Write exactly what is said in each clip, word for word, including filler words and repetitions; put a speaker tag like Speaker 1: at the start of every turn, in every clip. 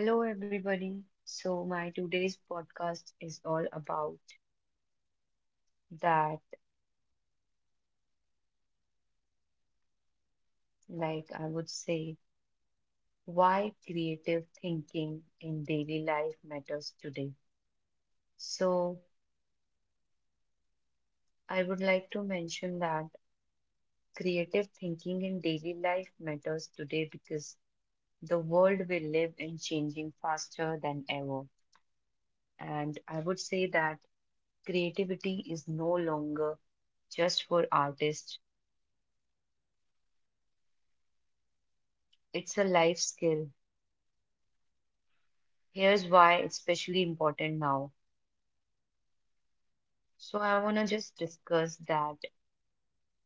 Speaker 1: Hello, everybody. So, my today's podcast is all about that, like I would say, why creative thinking in daily life matters today. So, I would like to mention that creative thinking in daily life matters today because the world we live in changing faster than ever. And I would say that creativity is no longer just for artists, it's a life skill. Here's why it's especially important now. So, I want to just discuss that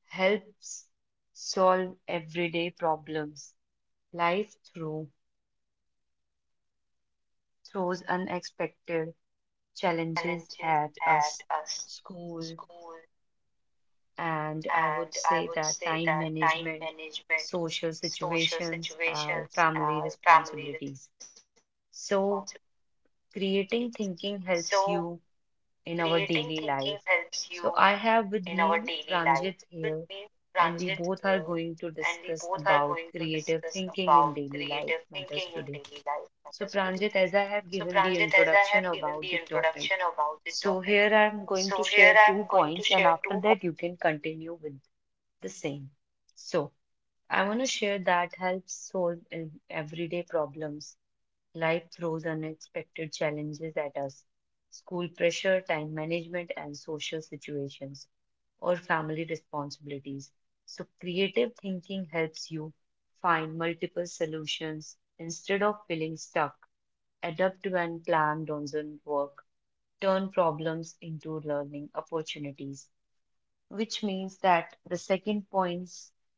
Speaker 1: helps solve everyday problems. Life through throws unexpected challenges at us. School,
Speaker 2: School,
Speaker 1: and I would
Speaker 2: and I
Speaker 1: say
Speaker 2: would
Speaker 1: that
Speaker 2: say
Speaker 1: time
Speaker 2: that time
Speaker 1: management,
Speaker 2: management,
Speaker 1: social
Speaker 2: social
Speaker 1: situations, and
Speaker 2: situations,
Speaker 1: family
Speaker 2: uh, family
Speaker 1: responsibilities.
Speaker 2: responsibilities.
Speaker 1: So,
Speaker 2: So,
Speaker 1: creating thinking helps you
Speaker 2: creating thinking
Speaker 1: in our
Speaker 2: helps
Speaker 1: daily
Speaker 2: you
Speaker 1: life.
Speaker 2: in our
Speaker 1: So I
Speaker 2: daily
Speaker 1: have
Speaker 2: life.
Speaker 1: with
Speaker 2: With
Speaker 1: me
Speaker 2: me,
Speaker 1: Pranjit
Speaker 2: Ranjit
Speaker 1: here,
Speaker 2: here,
Speaker 1: and we both
Speaker 2: and
Speaker 1: are
Speaker 2: we both
Speaker 1: going to
Speaker 2: are going to
Speaker 1: discuss
Speaker 2: discuss
Speaker 1: about
Speaker 2: about
Speaker 1: creative thinking
Speaker 2: creative
Speaker 1: in daily
Speaker 2: thinking in
Speaker 1: life
Speaker 2: daily
Speaker 1: matters
Speaker 2: life
Speaker 1: today.
Speaker 2: matters today.
Speaker 1: So Pranjit,
Speaker 2: So,
Speaker 1: as I have
Speaker 2: Pranjit,
Speaker 1: given
Speaker 2: as I
Speaker 1: the
Speaker 2: have given
Speaker 1: introduction
Speaker 2: the
Speaker 1: about the
Speaker 2: introduction
Speaker 1: topic,
Speaker 2: about the topic,
Speaker 1: so here I'm
Speaker 2: so
Speaker 1: going
Speaker 2: here
Speaker 1: to
Speaker 2: I am
Speaker 1: share
Speaker 2: going
Speaker 1: two
Speaker 2: to share
Speaker 1: points, and
Speaker 2: two points.
Speaker 1: after that you can continue with the same. So I want to share that helps solve ev- everyday problems. Life throws unexpected challenges at us, school pressure, time management, and social situations, or family responsibilities. So, creative thinking helps you find multiple solutions instead of feeling stuck. Adapt when plan doesn't work. Turn problems into learning opportunities, which means that the second point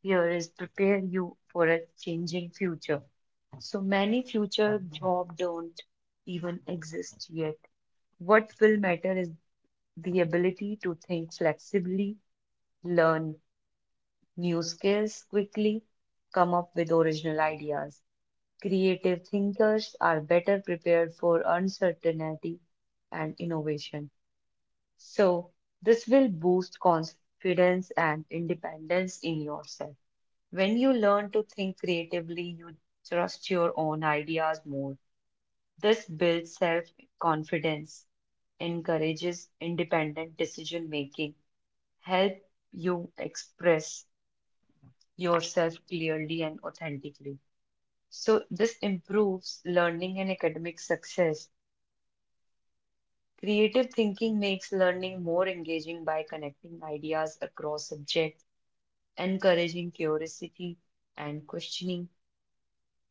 Speaker 1: here is prepare you for a changing future. So many future job don't even exist yet. What will matter is the ability to think flexibly, learn new skills quickly, come up with original ideas. Creative thinkers are better prepared for uncertainty and innovation. So, this will boost confidence and independence in yourself. When you learn to think creatively, you trust your own ideas more. This builds self-confidence, encourages independent decision making, help you express yourself clearly and authentically. So this improves learning and academic success. Creative thinking makes learning more engaging by connecting ideas across subjects, encouraging curiosity and questioning,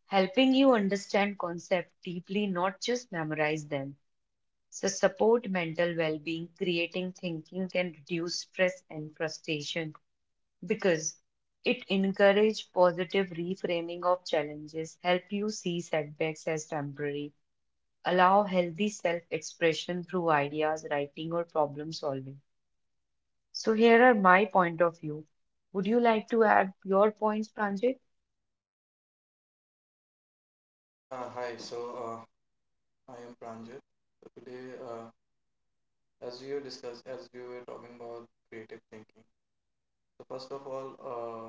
Speaker 1: helping you understand concepts deeply, not just memorize them. So support mental well-being, creating thinking can reduce stress and frustration because it encourages positive reframing of challenges, help you see setbacks as temporary, allow healthy self-expression through ideas, writing or problem solving. So here are my point of view. Would you like to add your points, Pranjit?
Speaker 2: Yeah, hi. So, uh, I am Pranjit. So today, uh, as you discussed, as you were talking about creative thinking. So first of all, uh,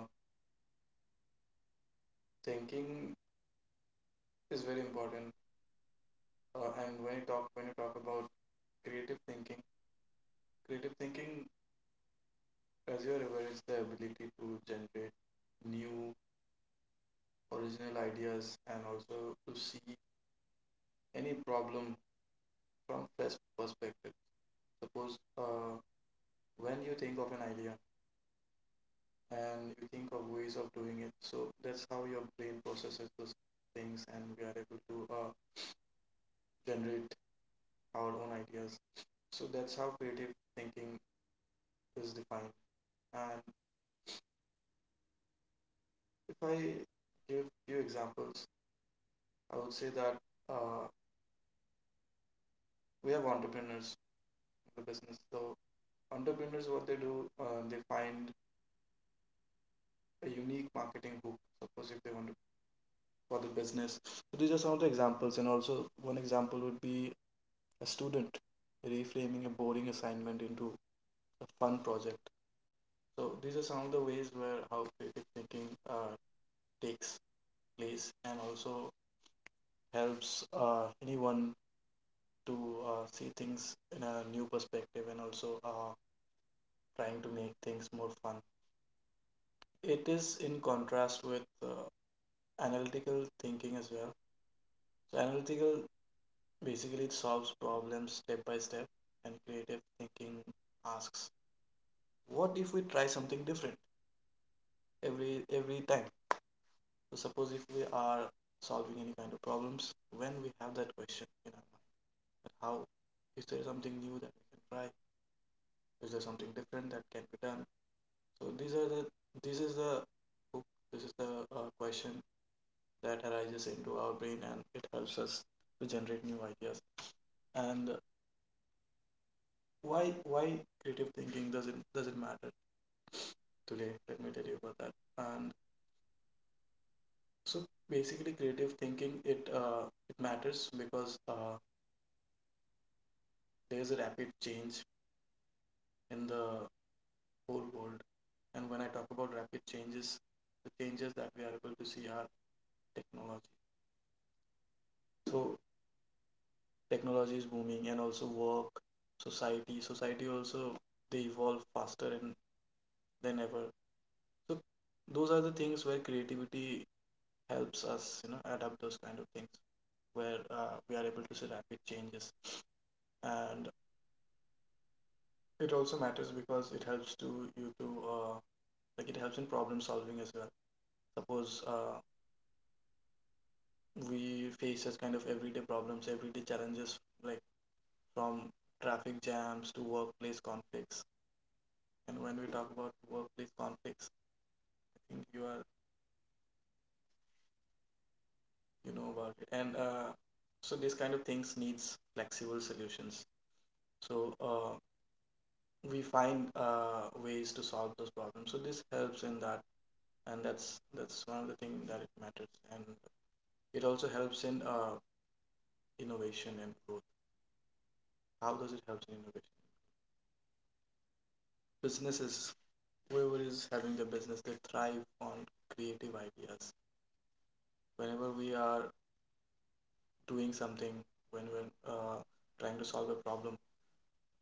Speaker 2: thinking is very important. Uh, and when you talk when you talk about creative thinking, creative thinking, as you are aware, is the ability to generate new original ideas and also to see any problem from fresh perspective. Suppose uh, when you think of an idea, and you think of ways of doing it. So that's how your brain processes those things, and we are able to uh, generate our own ideas. So that's how creative thinking is defined. And if I give few examples, I would say that uh, we have entrepreneurs in the business. So entrepreneurs, what they do, uh, they find a unique marketing hook. Suppose if they want to for the business. So these are some of the examples, and also one example would be a student reframing a boring assignment into a fun project. So these are some of the ways where how creative thinking uh, takes place and also helps uh, anyone to uh, see things in a new perspective and also uh, trying to make things more fun. It is in contrast with uh, analytical thinking as well. So analytical basically it solves problems step by step, and creative thinking asks what if we try something different every every time. So suppose if we are solving any kind of problems, when we have that question in our mind, that how is there something new that we can try? Is there something different that can be done? So these are the this is the hook, this is the uh, question that arises into our brain, and it helps us to generate new ideas. And why why creative thinking doesn't doesn't matter today? Let me tell you about that. And so basically, creative thinking it uh, it matters because uh, there's a rapid change in the whole world. And when I talk about rapid changes, the changes that we are able to see are technology. So technology is booming, and also work, society. Society also they evolve faster and than ever. So those are the things where creativity helps us, you know, adapt those kind of things where uh, we are able to see rapid changes, and it also matters because it helps to you to uh, like it helps in problem solving as well. Suppose uh, we face as kind of everyday problems, everyday challenges, like from traffic jams to workplace conflicts. And when we talk about workplace conflicts, I think you are you know about it. And uh, so these kind of things needs flexible solutions. So uh, we find uh, ways to solve those problems. So this helps in that, and that's that's one of the things that it matters. And it also helps in uh, innovation and growth. How does it help in innovation? Businesses whoever is having the business, they thrive on creative ideas whenever we are doing something, when we're uh, trying to solve a problem.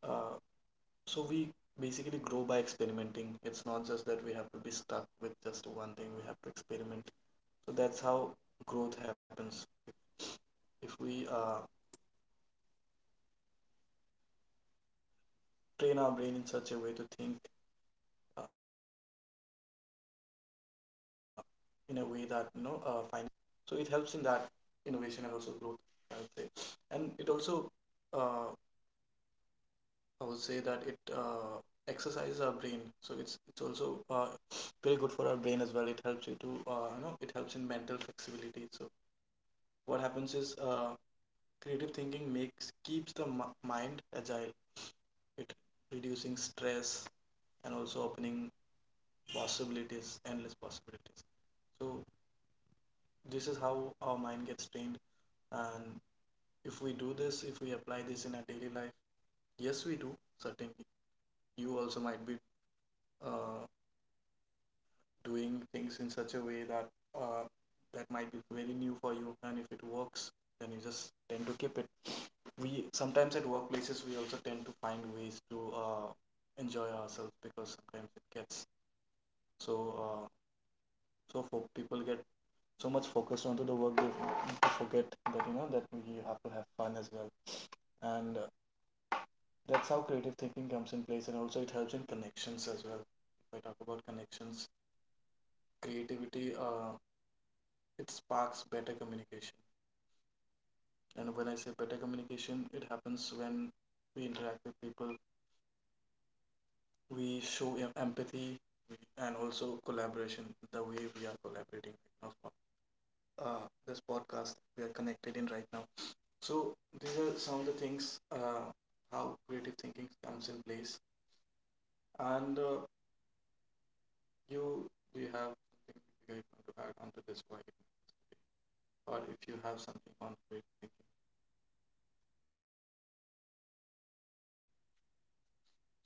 Speaker 2: uh, so we basically grow by experimenting. It's not just that we have to be stuck with just one thing, we have to experiment. So that's how growth happens. If we uh, train our brain in such a way to think uh, in a way that, you know uh, finding different ways, so it helps in that innovation and also growth, I would say. And it also, uh, I would say that it uh, exercises our brain. So it's it's also uh, very good for our brain as well. It helps you to uh, you know it helps in mental flexibility. So what happens is uh, creative thinking makes keeps the mi- mind agile. It reducing stress and also opening possibilities, endless possibilities. So this is how our mind gets trained. And if we do this, if we apply this in our daily life, yes, we do certainly. You also might be uh, doing things in such a way that uh, that might be very new for you, and if it works then you just tend to keep it. We sometimes at workplaces, we also tend to find ways to uh, enjoy ourselves because sometimes it gets so uh, so For people get so much focused onto the work, they forget that, you know that we have to have fun as well. And uh, that's how creative thinking comes in place, and also it helps in connections as well. If I talk about connections, creativity, uh, it sparks better communication. And when I say better communication, it happens when we interact with people, we show empathy and also collaboration, the way we are collaborating right now for uh, this podcast we are connected in right now. So these are some of the things uh, how creative thinking comes in place. And uh, you, do you have something you want to add onto this why, or if you have something on creative thinking.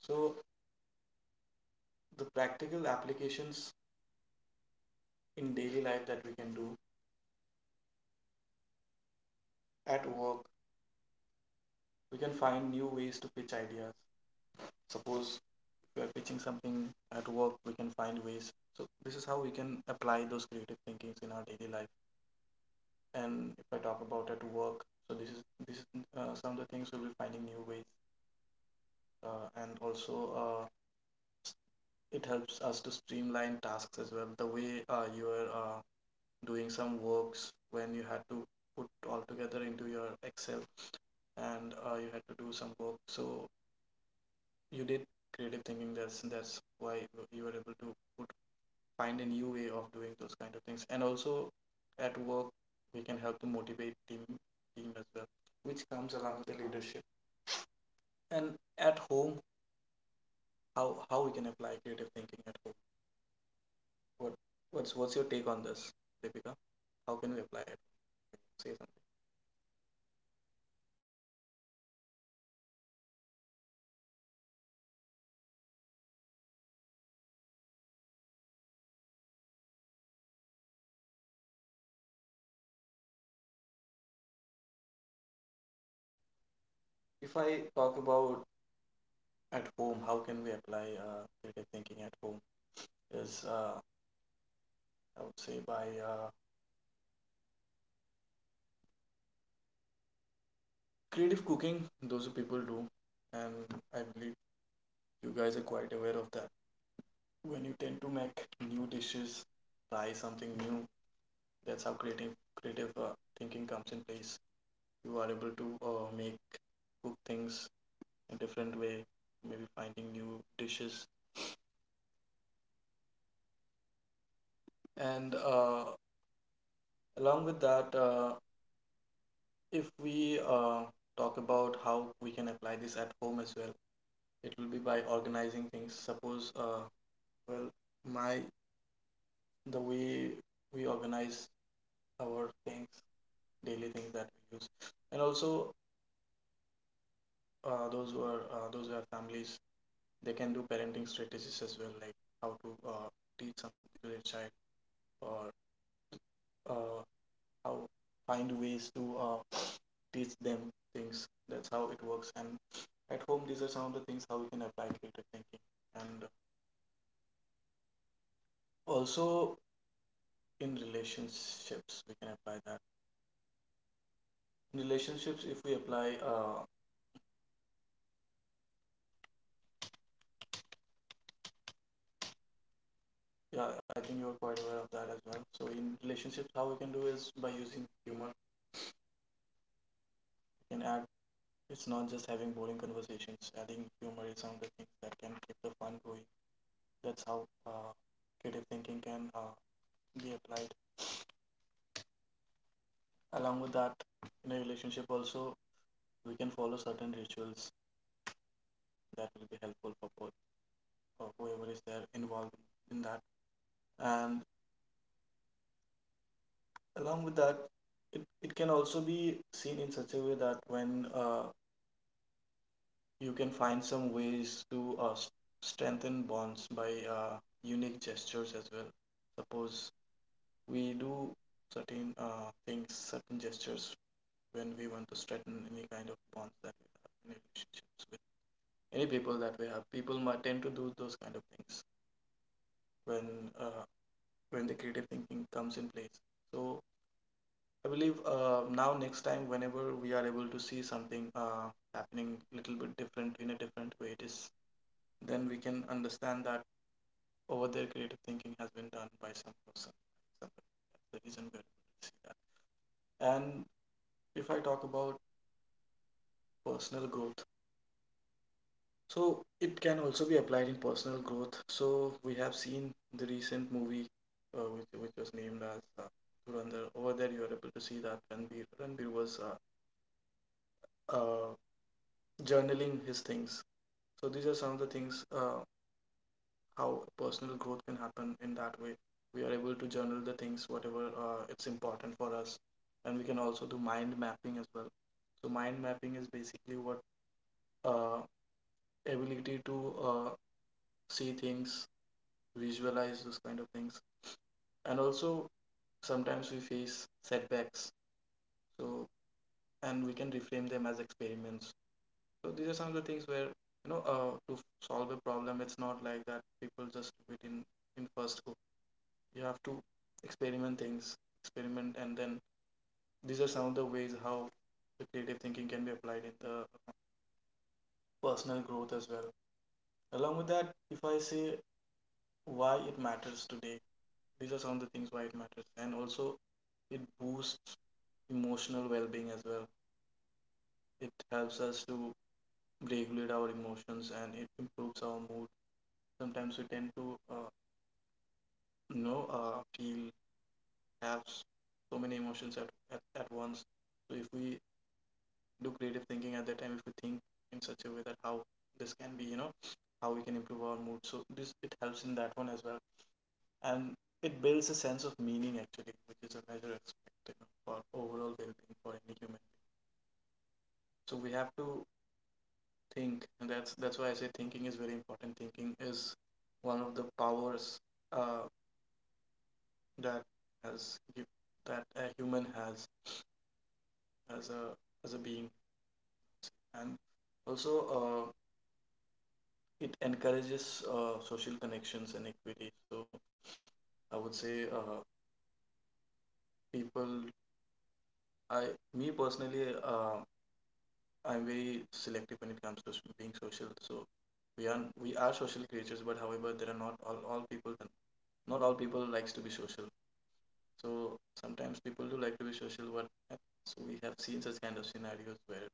Speaker 2: So the practical applications in daily life that we can do at work, we can find new ways to pitch ideas. Suppose we are pitching something at work, we can find ways. So this is how we can apply those creative thinkings in our daily life. And if I talk about at work, so this is this is, uh, some of the things we'll be finding new ways, uh, and also uh, it helps us to streamline tasks as well. The way uh, you are uh, doing some works when you had to put all together into your Excel, and uh, you had to do some work. So you did creative thinking, that's that's why you were- you were able to put, find a new way of doing those kind of things. And also at work, we can help to motivate team team as well, which comes along with the leadership. And at home, how how we can apply creative thinking at home, what what's what's your take on this, Deepika? How can we apply it? Say something. If I talk about at home, how can we apply uh, creative thinking at home is, uh, I would say, by uh, creative cooking. Those are people do, and I believe you guys are quite aware of that. When you tend to make new dishes, try something new, that's how creative creative uh, thinking comes in place. You are able to uh, make cook things in different way, maybe finding new dishes. And uh, along with that, uh, if we uh, talk about how we can apply this at home as well, it will be by organizing things. Suppose, uh, well, my the way we organize our things, daily things that we use. And also, uh, those who are uh, those who have families, they can do parenting strategies as well, like how to uh, teach something to their child, or uh, how, find ways to uh, teach them things. That's how it works. And at home, these are some of the things how we can apply creative thinking. And also in relationships, we can apply that. In relationships, if we apply, uh, yeah, I think you're quite aware of that as well. So in relationships, how we can do is by using humor. We can add. It's not just having boring conversations. Adding humor is one of the things that can keep the fun going. That's how uh, creative thinking can uh, be applied. Along with that, in a relationship also, we can follow certain rituals that will be helpful for both, or whoever is there involved in that. And along with that, it, it can also be seen in such a way that when, uh, you can find some ways to uh, s- strengthen bonds by uh, unique gestures as well. Suppose we do certain uh, things, certain gestures, when we want to strengthen any kind of bonds that we have in relationships with any people that we have. People might tend to do those kind of things when uh, when the creative thinking comes in place. So I believe, uh, now next time whenever we are able to see something uh, happening a little bit different in a different way, it is then we can understand that over their creative thinking has been done by some person, somebody. That's the reason we're able to see that. And if I talk about personal growth, so it can also be applied in personal growth. So we have seen the recent movie, uh, which which was named as uh, Dhurandhar. Over there, you are able to see that Ranbir Ranbir was uh, uh, journaling his things. So these are some of the things uh, how personal growth can happen in that way. We are able to journal the things whatever uh, it's important for us, and we can also do mind mapping as well. So mind mapping is basically what uh, ability to uh, see things, visualize those kind of things, and also sometimes we face setbacks. So and we can reframe them as experiments. So these are some of the things where you know uh, to solve a problem, it's not like that people just do it in in first go. You have to experiment things, experiment, and then these are some of the ways how the creative thinking can be applied in the personal growth as well. Along with that, if I say why it matters today, these are some of the things why it matters, and also it boosts emotional well-being as well. It helps us to regulate our emotions and it improves our mood. Sometimes we tend to uh, you know uh, feel, have s- so many emotions at, at, at once. So if we do creative thinking at that time, if we think in such a way that how this can be, you know, how we can improve our mood, so this, it helps in that one as well. And it builds a sense of meaning actually, which is a major aspect, you know, for overall well-being for any human. So we have to think, and that's that's why I say thinking is very important. Thinking is one of the powers uh, that has give, that a human has as a as a being. And also uh, it encourages uh, social connections and equity. So I would say, uh, people, I me personally, uh, I'm very selective when it comes to s- being social. So we are we are social creatures, but however, there are not all all people, not all people likes to be social. So sometimes people do like to be social, but uh, so we have seen such kind of scenarios where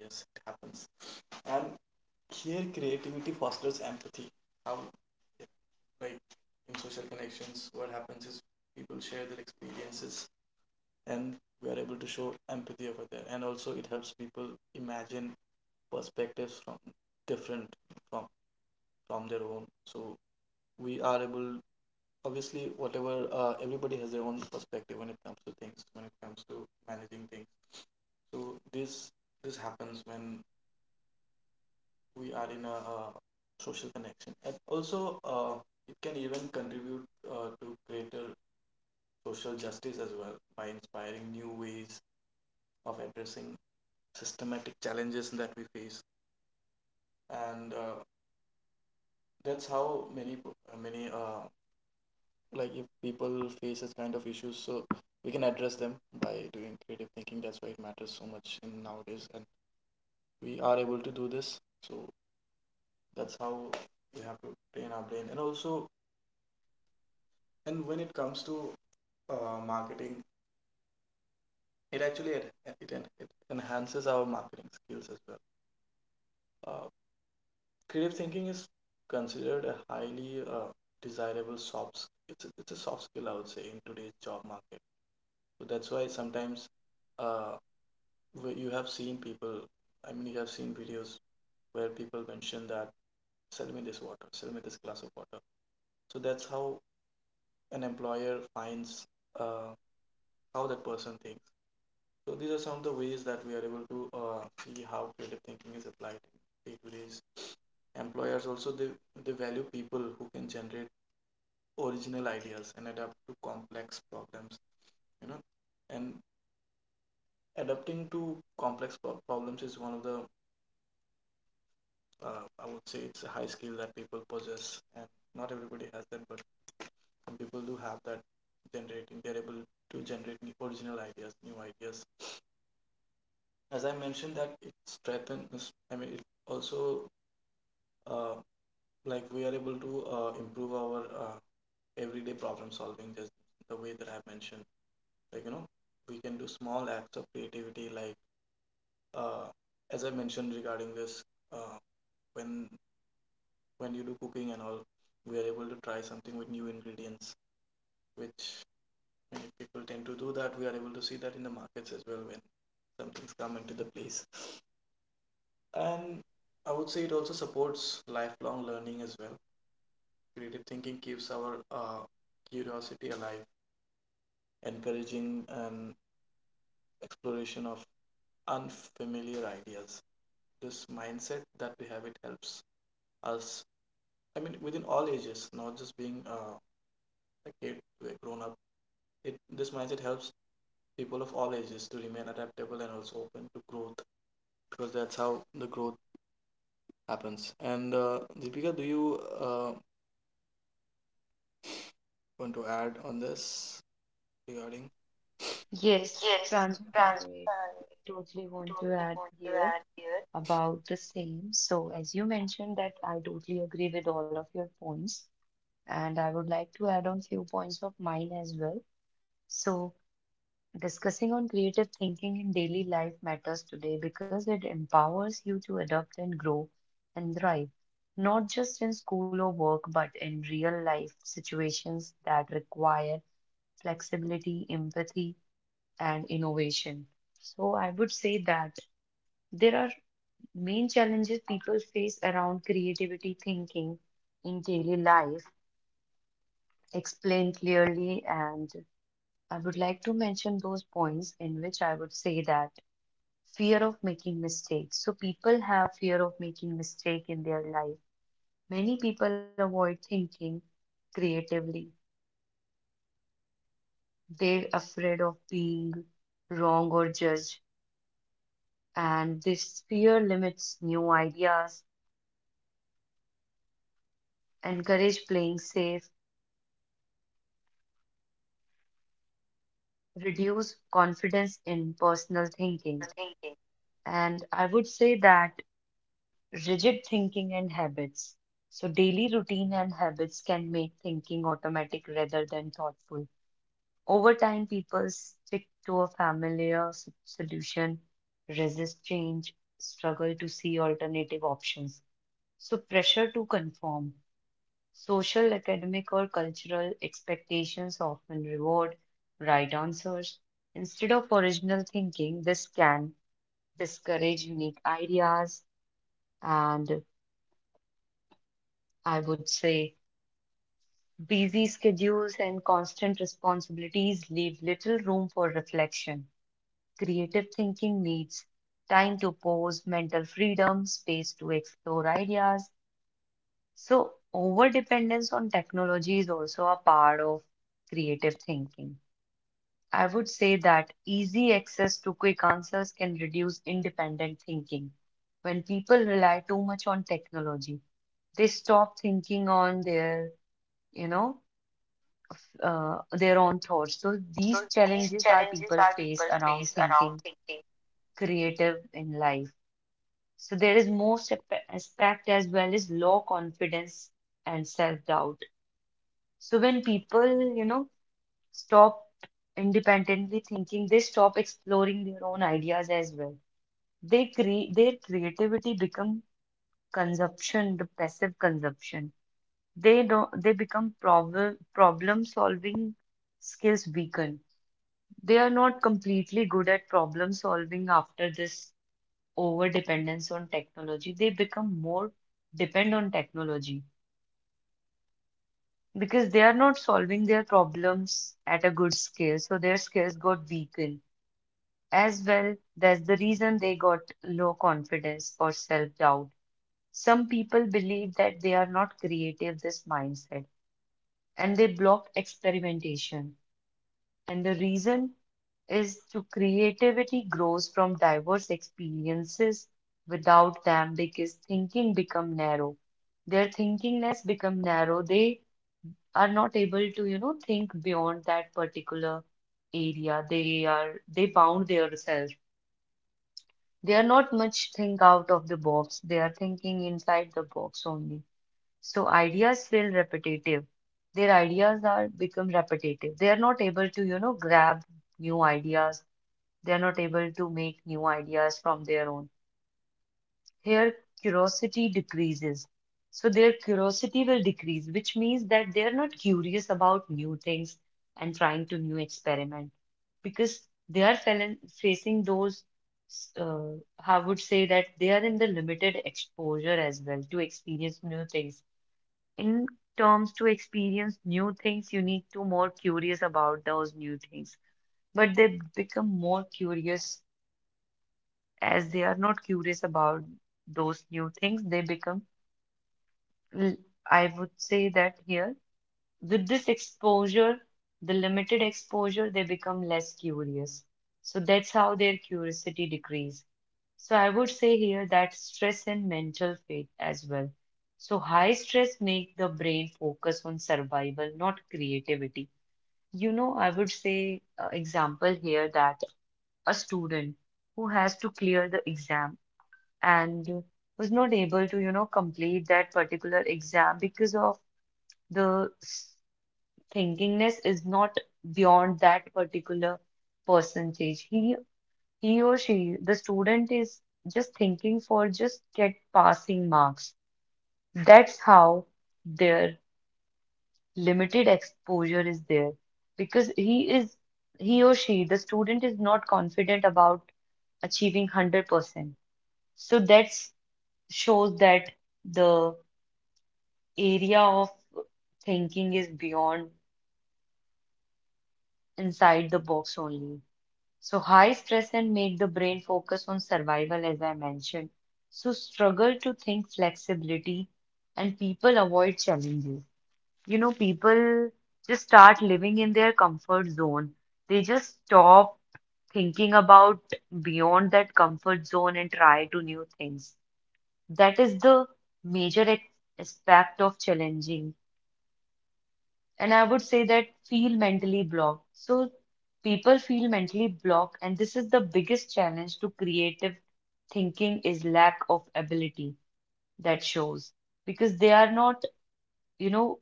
Speaker 2: yes, it happens. And here creativity fosters empathy. How? Like, in social connections, what happens is people share their experiences, and we are able to show empathy over there. And also it helps people imagine perspectives from different, from from their own. So we are able, obviously whatever, uh, everybody has their own perspective when it comes to things, when it comes to managing things. So this this happens when we are in a uh, social connection, and also uh, it can even contribute uh, to greater social justice as well by inspiring new ways of addressing systematic challenges that we face. And uh, that's how many uh, many uh, like, if people face this kind of issues, so we can address them by doing creative thinking. That's why it matters so much in nowadays, and we are able to do this. So that's how we have to train our brain. And also, and when it comes to uh, marketing, it actually en- it, it enhances our marketing skills as well. uh, Creative thinking is considered a highly uh, desirable soft. s- It's a, it's a soft skill, I would say, in today's job market. So that's why sometimes uh, where you have seen people. I mean, you have seen videos where people mention that, sell me this water, sell me this glass of water. So that's how an employer finds uh, how that person thinks. So these are some of the ways that we are able to uh, see how creative thinking is applied in day-to-days. Employers also, they, they value people who can generate original ideas and adapt to complex problems, you know. And adapting to complex pro- problems is one of the uh, I would say it's a high skill that people possess, and not everybody has that, but some people do have that, generating they're able to generate new original ideas, new ideas. As I mentioned, that it strengthens, I mean, it also uh, like we are able to uh, improve our uh, everyday problem solving, just the way that I mentioned, like, you know, we can do small acts of creativity, like uh, as I mentioned regarding this, uh, when when you do cooking and all, we are able to try something with new ingredients, which many people tend to do that. We are able to see that in the markets as well when some things come into the place. And I would say it also supports lifelong learning as well. Creative thinking keeps our uh, curiosity alive, encouraging an exploration of unfamiliar ideas. This mindset that we have, it helps us, I mean, within all ages, not just being uh, a kid to a grown up. It, this mindset helps people of all ages to remain adaptable and also open to growth, because that's how the growth happens. And uh, Deepika, do you uh, want to add on this regarding?
Speaker 1: Yes,
Speaker 2: Yes,
Speaker 1: Pranjit,
Speaker 2: trans
Speaker 1: I
Speaker 2: uh,
Speaker 1: totally want to
Speaker 2: totally want
Speaker 1: add
Speaker 2: to
Speaker 1: here
Speaker 2: add here.
Speaker 1: about the same. So, as you mentioned that I totally agree with all of your points, and I would like to add on few points of mine as well. So, discussing on creative thinking in daily life matters today because it empowers you to adapt and grow and thrive, not just in school or work, but in real life situations that require flexibility, empathy, and innovation. So, I would say that there are main challenges people face around creativity thinking in daily life explained clearly, and I would like to mention those points in which I would say that fear of making mistakes. So, people have fear of making mistake in their life. Many people avoid thinking creatively, they're afraid of being wrong or judged, and this fear limits new ideas, encourage playing safe, reduce confidence in personal
Speaker 2: Personal thinking.
Speaker 1: thinking. And I would say that rigid thinking and habits. So, daily routine and habits can make thinking automatic rather than thoughtful. Over time, people stick to a familiar s- solution, resist change, struggle to see alternative options. So, pressure to conform. Social, academic, or cultural expectations often reward right answers instead of original thinking. This can discourage unique ideas, and I would say busy schedules and constant responsibilities leave little room for reflection. Creative thinking needs time to pause, mental freedom, space to explore ideas. So, overdependence on technology is also a part of creative thinking. I would say that easy access to quick answers can reduce independent thinking. When people rely too much on technology, they stop thinking on their, you know, uh, their
Speaker 2: On
Speaker 1: own
Speaker 2: thoughts.
Speaker 1: thoughts.
Speaker 2: So
Speaker 1: So
Speaker 2: these
Speaker 1: these
Speaker 2: challenges
Speaker 1: challenges are
Speaker 2: are
Speaker 1: people
Speaker 2: people face
Speaker 1: face
Speaker 2: around
Speaker 1: around
Speaker 2: thinking.
Speaker 1: thinking creative in life. So there is more sep- aspect as well as low confidence and self doubt. So when people, you know, stopped independently thinking. They stop exploring their own ideas as well. They create their creativity become consumption, the passive consumption. They don't they become problem problem solving skills weaken. They are not completely good at problem solving after this over dependence on technology. They become more depend on technology because they are not solving their problems at a good scale. So their skills got weakened as well, that's the reason they got low confidence or self-doubt. Some people believe that they are not creative, this mindset, and they block experimentation, and the reason is to creativity grows from diverse experiences without them because thinking become narrow, their thinkingness become narrow, they are not able to, you know, think beyond that particular area, they are they bound themselves. They are not much think out of the box, they are thinking inside the box only. So ideas feel repetitive. Their ideas are become repetitive. They are not able to, you know, grab new ideas. They are not able to make new ideas from their own. Here, curiosity decreases. So, their curiosity will decrease, which means that they're not curious about new things and trying to new experiment because they are fel- facing those, uh, I would say that they are in the limited exposure as well to experience new things. In terms to experience new things, you need to more curious about those new things, but they become more curious as they are not curious about those new things, they become l- I would say that here, with this exposure, the limited exposure, they become less curious. So that's how their curiosity decrease. So I would say here that stress and mental fatigue as well. So high stress make the brain focus on survival, not creativity. You know, I would say uh, example here that a student who has to clear the exam and was not able to, you know, complete that particular exam because of the s- thinkingness is not beyond that particular percentage. He he or she, the student is just thinking for just get passing marks. That's how their limited exposure is there because he is he or she, the student is not confident about achieving one hundred percent. So that shows that the area of thinking is beyond inside the box only. So high stress and make the brain focus on survival, as I mentioned. So struggle to think flexibility and people avoid challenges. You know, people just start living in their comfort zone. They just stop thinking about beyond that comfort zone and try to new things. That is the major ex- aspect of challenging, and I would say that feel mentally blocked. So people feel mentally blocked, and this is the biggest challenge to creative thinking is lack of ability that shows because they are not, you know,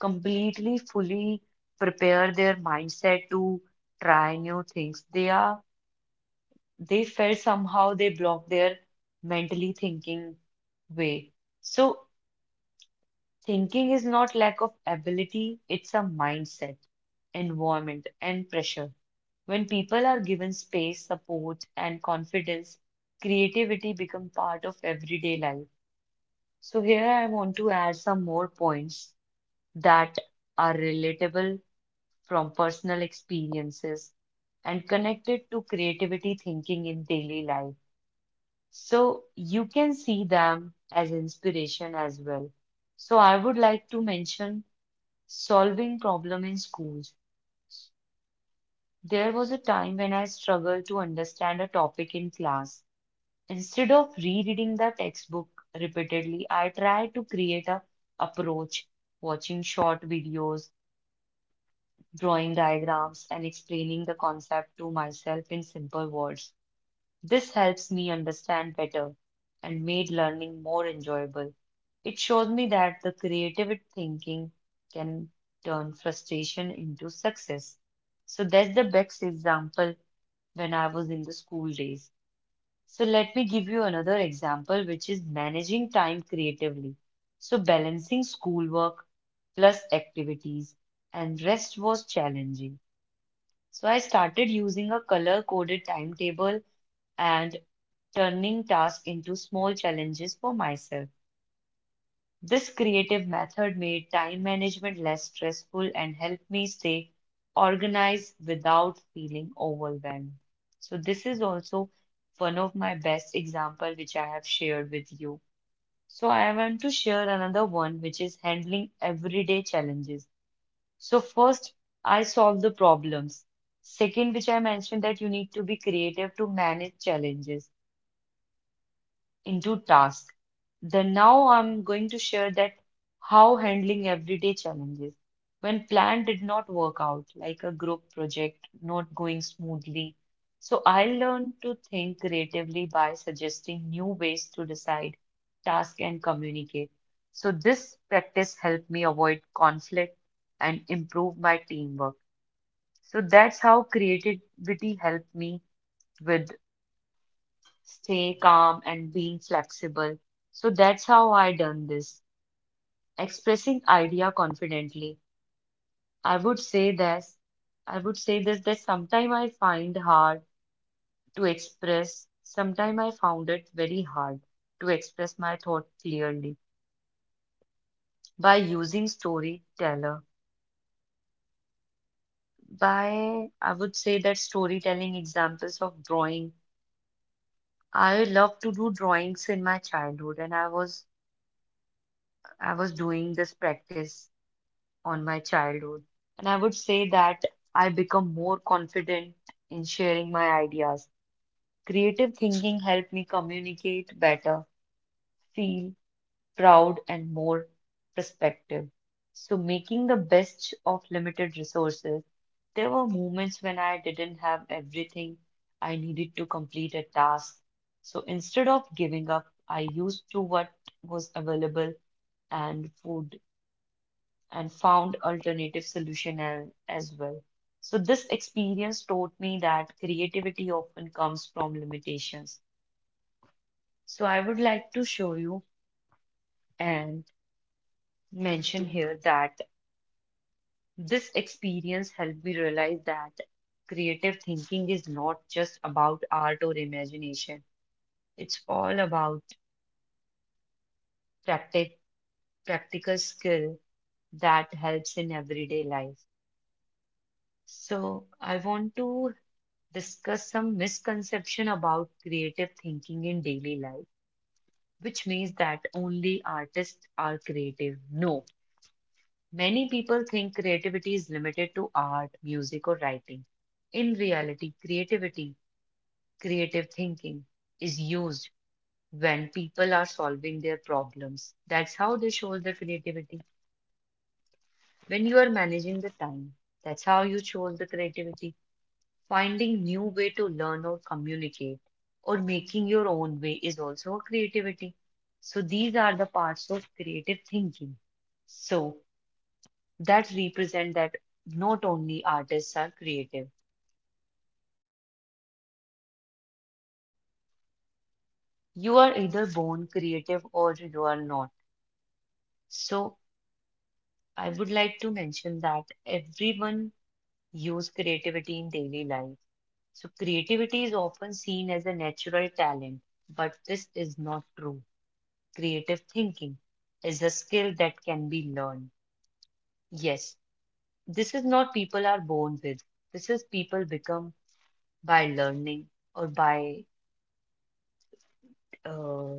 Speaker 1: completely fully prepare their mindset to try new things. They are they felt somehow they block their mentally thinking way. So thinking is not lack of ability, it's a mindset, environment, and pressure. When people are given space, support, and confidence, creativity becomes part of everyday life. So, here I want to add some more points that are relatable from personal experiences and connected to creativity thinking in daily life. So, you can see them as inspiration as well. So, I would like to mention solving problem in schools. There was a time when I struggled to understand a topic in class. Instead of rereading the textbook repeatedly, I tried to create a approach, watching short videos, drawing diagrams, and explaining the concept to myself in simple words. This helps me understand better and made learning more enjoyable. It shows me that the creative thinking can turn frustration into success. So that's the best example when I was in the school days. So let me give you another example, which is managing time creatively. So balancing schoolwork plus activities and rest was challenging. So I started using a color coded timetable and turning tasks into small challenges for myself. This creative method made time management less stressful and helped me stay organized without feeling overwhelmed. So this is also one of my best example which I have shared with you. So I want to share another one which is handling everyday challenges. So first I solve the problems. Second, which I mentioned that you need to be creative to manage challenges into tasks. Then now I'm going to share that how handling everyday challenges when plan did not work out, like a group project not going smoothly. So I learned to think creatively by suggesting new ways to decide, task, and communicate. So this practice helped me avoid conflict and improve my teamwork. So that's how creativity helped me with stay calm and being flexible. So that's how I done this. Expressing idea confidently. I would say that I would say this that sometimes I find hard to express, sometimes I found it very hard to express my thought clearly by using storyteller. By I would say that storytelling examples of drawing. I love to do drawings in my childhood and I was I was doing this practice on my childhood. And I would say that I become more confident in sharing my ideas. Creative thinking helped me communicate better, feel proud, and more perspective. So, making the best of limited resources, there were moments when I didn't have everything I needed to complete a task. So, instead of giving up, I used to what was available and food and found alternative solution a- as well. So this experience taught me that creativity often comes from limitations. So I would like to show you and mention here that this experience helped me realize that creative thinking is not just about art or imagination. It's all about practic- practical skill that helps in everyday life. So I want to discuss some misconception about creative thinking in daily life, which means that only artists are creative. No, many people think creativity is limited to art, music, or writing. In reality, creativity, creative thinking is used when people are solving their problems. That's how they show the creativity. When you are managing the time, that's how you show the creativity. Finding new way to learn or communicate or making your own way is also a creativity. So these are the parts of creative thinking. So that represent that not only artists are creative. You are either born creative or you are not. So I would like to mention that everyone use creativity in daily life. So creativity is often seen as a natural talent, but this is not true. Creative thinking is a skill that can be learned. Yes, this is not people are born with. This is people become by learning or by, uh,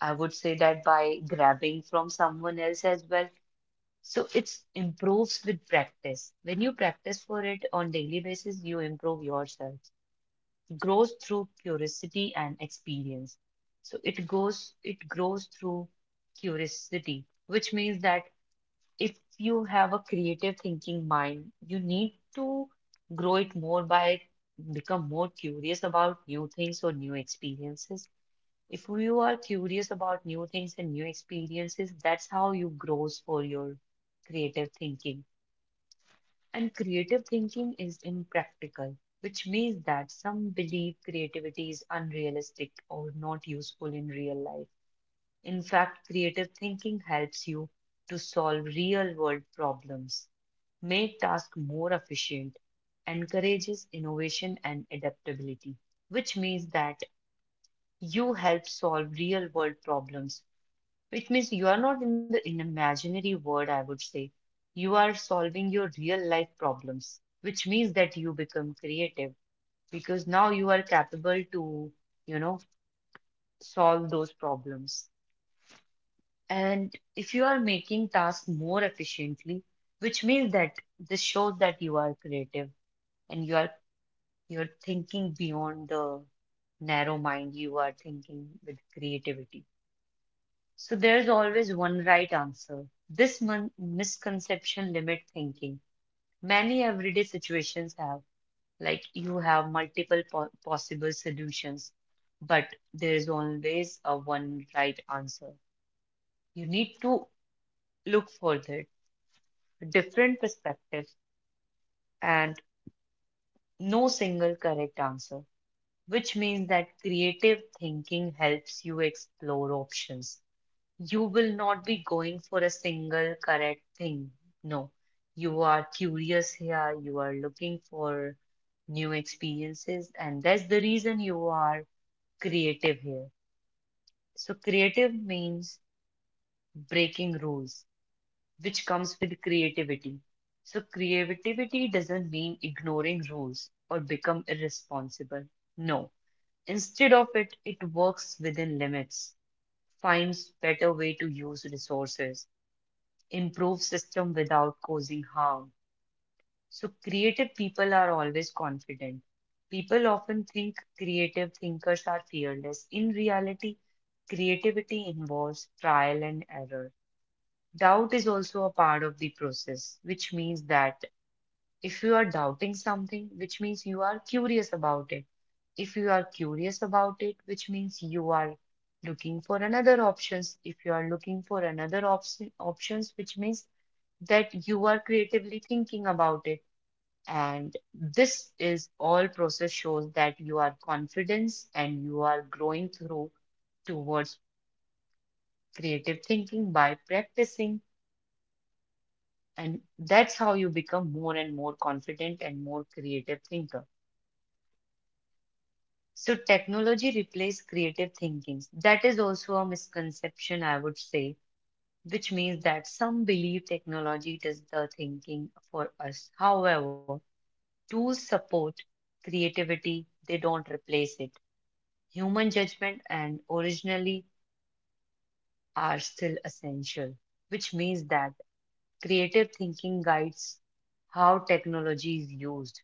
Speaker 1: I would say that by grabbing from someone else as well. So it's improves with practice. When you practice for it on daily basis, you improve yourself. Grows through curiosity and experience. So it goes, it grows through curiosity, which means that if you have a creative thinking mind, you need to grow it more by become more curious about new things or new experiences. If you are curious about new things and new experiences, that's how you grows for your creative thinking. And creative thinking is impractical, which means that some believe creativity is unrealistic or not useful in real life. In fact, creative thinking helps you to solve real world problems, make tasks more efficient, encourages innovation and adaptability, which means that you help solve real world problems. Which means you are not in the in imaginary world, I would say. You are solving your real life problems, which means that you become creative because now you are capable to, you know, solve those problems. And if you are making tasks more efficiently, which means that this shows that you are creative and you are you're thinking beyond the narrow mind, you are thinking with creativity. So there's always one right answer. This mon- misconception limit thinking. Many everyday situations have like you have multiple po- possible solutions, but there is always a one right answer. You need to look for that different perspectives, and no single correct answer, which means that creative thinking helps you explore options. You will not be going for a single correct thing. No, you are curious here, you are looking for new experiences, and that's the reason you are creative here. So, creative means breaking rules, which comes with creativity. So, creativity doesn't mean ignoring rules or become irresponsible. No. Instead of it, it works within limits, finds better way to use resources, improves system without causing harm. So, creative people are always confident. People often think creative thinkers are fearless. In reality, creativity involves trial and error. Doubt is also a part of the process, which means that if you are doubting something, which means you are curious about it. If you are curious about it, which means you are looking for another options. If you are looking for another option, options, which means that you are creatively thinking about it. And this is all process shows that you are confidence and you are growing through towards creative thinking by practicing. And that's how you become more and more confident and more creative thinker. So technology replaces creative thinking. That is also a misconception, I would say, which means that some believe technology does the thinking for us. However, tools support creativity, they don't replace it. Human judgment and originally are still essential, which means that creative thinking guides how technology is used.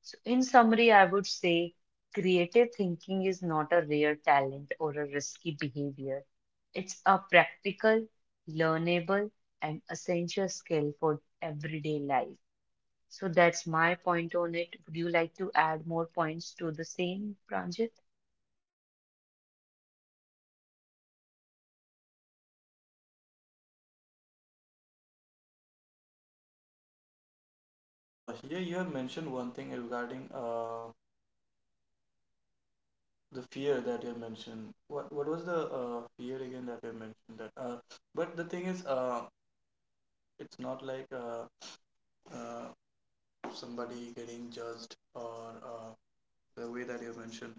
Speaker 1: So, in summary, I would say creative thinking is not a rare talent or a risky behavior. It's a practical, learnable, and essential skill for everyday life. So, that's my point on it. Would you like to add more points to the same, Pranjit?
Speaker 2: Yes. Uh, here you have mentioned one thing regarding uh, the fear that you mentioned, what what was the uh, fear again that you mentioned that uh, but the thing is, uh, it's not like uh, uh, somebody getting judged, or uh, the way that you mentioned,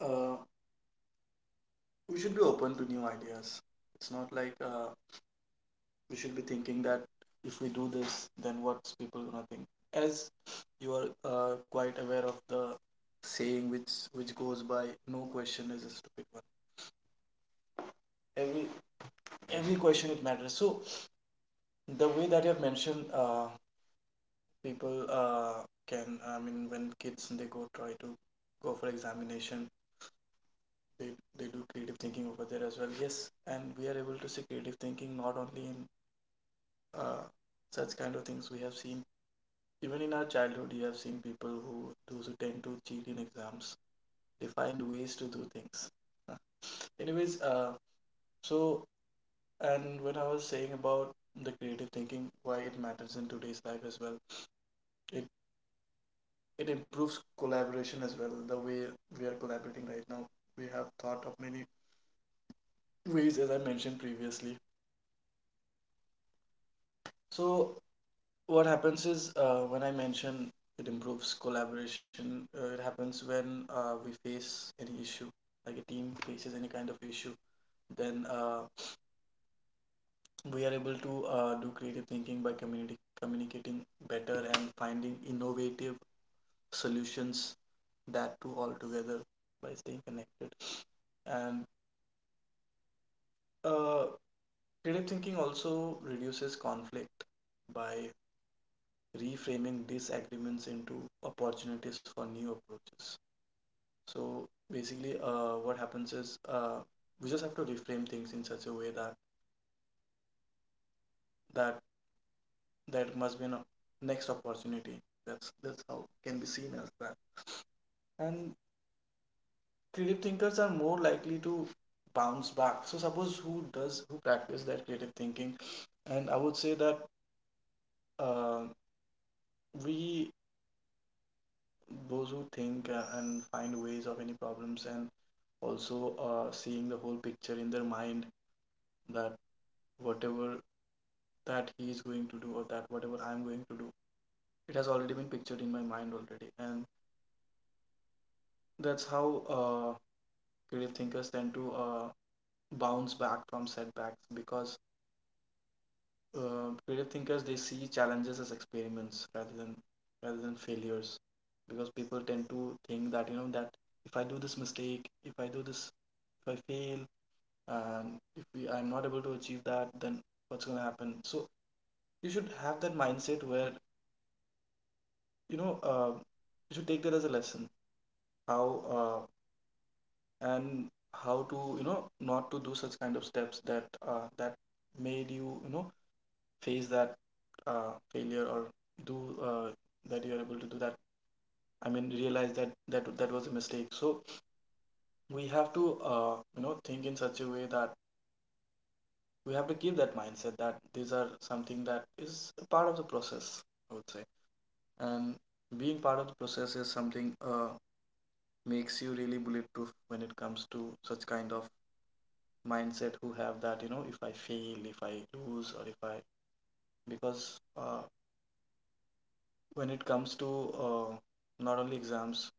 Speaker 2: uh, we should be open to new ideas. It's not like, uh, we should be thinking that if we do this, then what's people gonna think. As you are uh, quite aware of the saying, which which goes by, no question is a stupid one. every every question, it matters. So the way that you have mentioned, uh, people, uh, can, I mean, when kids, they go try to go for examination, they, they do creative thinking over there as well. Yes, and we are able to see creative thinking not only in uh, such kind of things. We have seen, even in our childhood, you have seen people, who those who tend to cheat in exams, they find ways to do things. Huh. Anyways, uh, so, and when I was saying about the creative thinking, why it matters in today's life as well, it it improves collaboration as well. The way we are collaborating right now, we have thought of many ways, as I mentioned previously. So what happens is, uh, when I mention it improves collaboration, uh, it happens when uh, we face any issue, like a team faces any kind of issue, then uh, we are able to uh, do creative thinking by community communicating better and finding innovative solutions, that too all together, by staying connected. And uh, creative thinking also reduces conflict by reframing disagreements into opportunities for new approaches. So basically, uh, what happens is, uh, we just have to reframe things in such a way that that there must be a next opportunity. That's that's how it can be seen as that. And creative thinkers are more likely to bounce back. So suppose who does, who practice that creative thinking, and I would say that, uh, we, those who think uh, and find ways of any problems, and also uh, seeing the whole picture in their mind, that whatever that he is going to do, or that whatever I'm going to do, it has already been pictured in my mind already. And that's how uh, creative thinkers tend to uh, bounce back from setbacks, because uh, creative thinkers, they see challenges as experiments rather than rather than failures. Because people tend to think that, you know, that if I do this mistake, if I do this, if I fail, and if we, I'm not able to achieve that, then what's going to happen? So you should have that mindset where, you know, uh, you should take that as a lesson, how, uh, and how to, you know, not to do such kind of steps that, uh, that made you, you know, face that uh, failure, or do, uh, that you are able to do that. I mean, realize that that that was a mistake. So we have to, uh, you know, think in such a way that we have to keep that mindset, that these are something that is a part of the process, I would say. And being part of the process is something, uh, makes you really bulletproof when it comes to such kind of mindset, who have that, you know, if I fail, if I lose, or if I, because, uh, when it comes to uh, not only exams,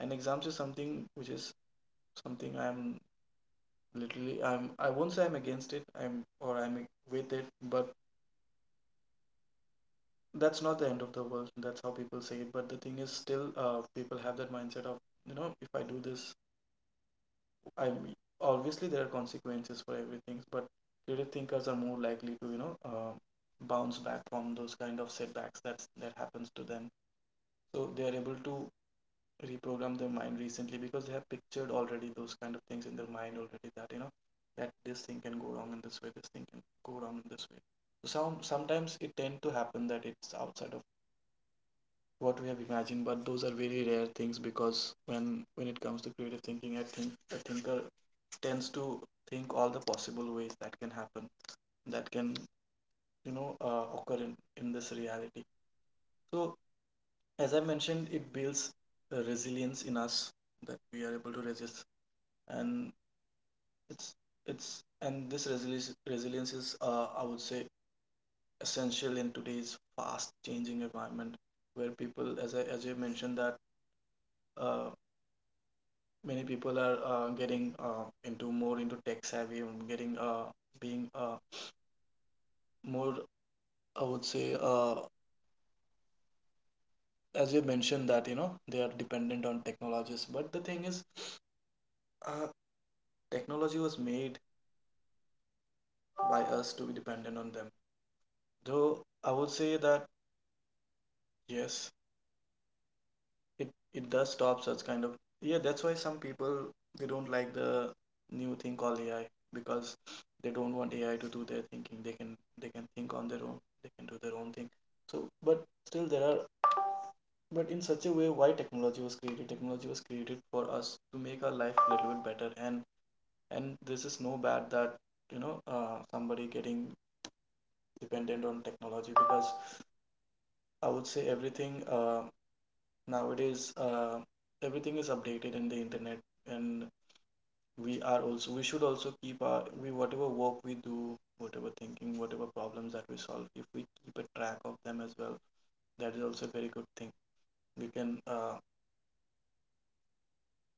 Speaker 2: and exams is something which is something I'm, literally I'm, I won't say I'm against it, I'm, or I'm with it, but that's not the end of the world. That's how people say it. But the thing is, still, uh, people have that mindset of, you know, if I do this, I obviously there are consequences for everything. But creative thinkers are more likely to, you know, uh, bounce back from those kind of setbacks that's that happens to them. So they are able to reprogram their mind recently because they have pictured already those kind of things in their mind already that you know that this thing can go wrong in this way, this thing can go wrong in this way. So some sometimes it tend to happen that it's outside of what we have imagined, but those are very rare things because when when it comes to creative thinking, I think a thinker tends to think all the possible ways that can happen, that can you know uh, occur in, in this reality. So as I mentioned, it builds uh, resilience in us, that we are able to resist. And it's it's and this resilience resilience is, uh, I would say, essential in today's fast changing environment, where people, as I as you mentioned, that uh, many people are uh, getting uh, into, more into tech savvy, and getting uh, being uh, more, I would say, uh, as you mentioned, that you know they are dependent on technologies. But the thing is, uh, technology was made by us to be dependent on them. Though I would say that yes, it it does stop such kind of, yeah, that's why some people, they don't like the new thing called A I, because they don't want A I to do their thinking. They can, they can think on their own, they can do their own thing. So but still there are, but in such a way, why technology was created, technology was created for us to make our life a little bit better. and and this is no bad that, you know uh, somebody getting dependent on technology, because I would say everything, uh, nowadays uh, everything is updated in the internet. And we are also, we should also keep our, we, whatever work we do, whatever thinking, whatever problems that we solve, if we keep a track of them as well, that is also a very good thing. we can uh,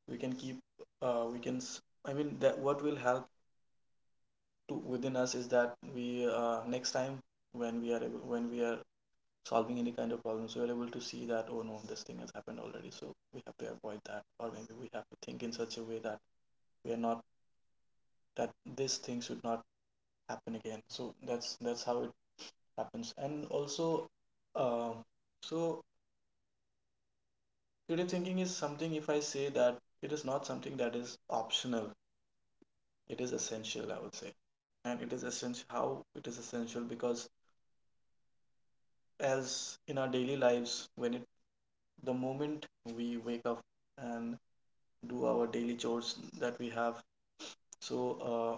Speaker 2: we can keep, uh, we can s- I mean, that what will help to within us is that we, uh, next time when we are able, when we are solving any kind of problems, we are able to see that, oh no, this thing has happened already, so we have to avoid that, or maybe we have to think in such a way that we are not, that this thing should not happen again. So that's that's how it happens. And also, uh, so creative thinking is something, if I say that, it is not something that is optional, it is essential, I would say. And it is essential how, it is essential because, as in our daily lives, when it, the moment we wake up and do our daily chores that we have, so, uh,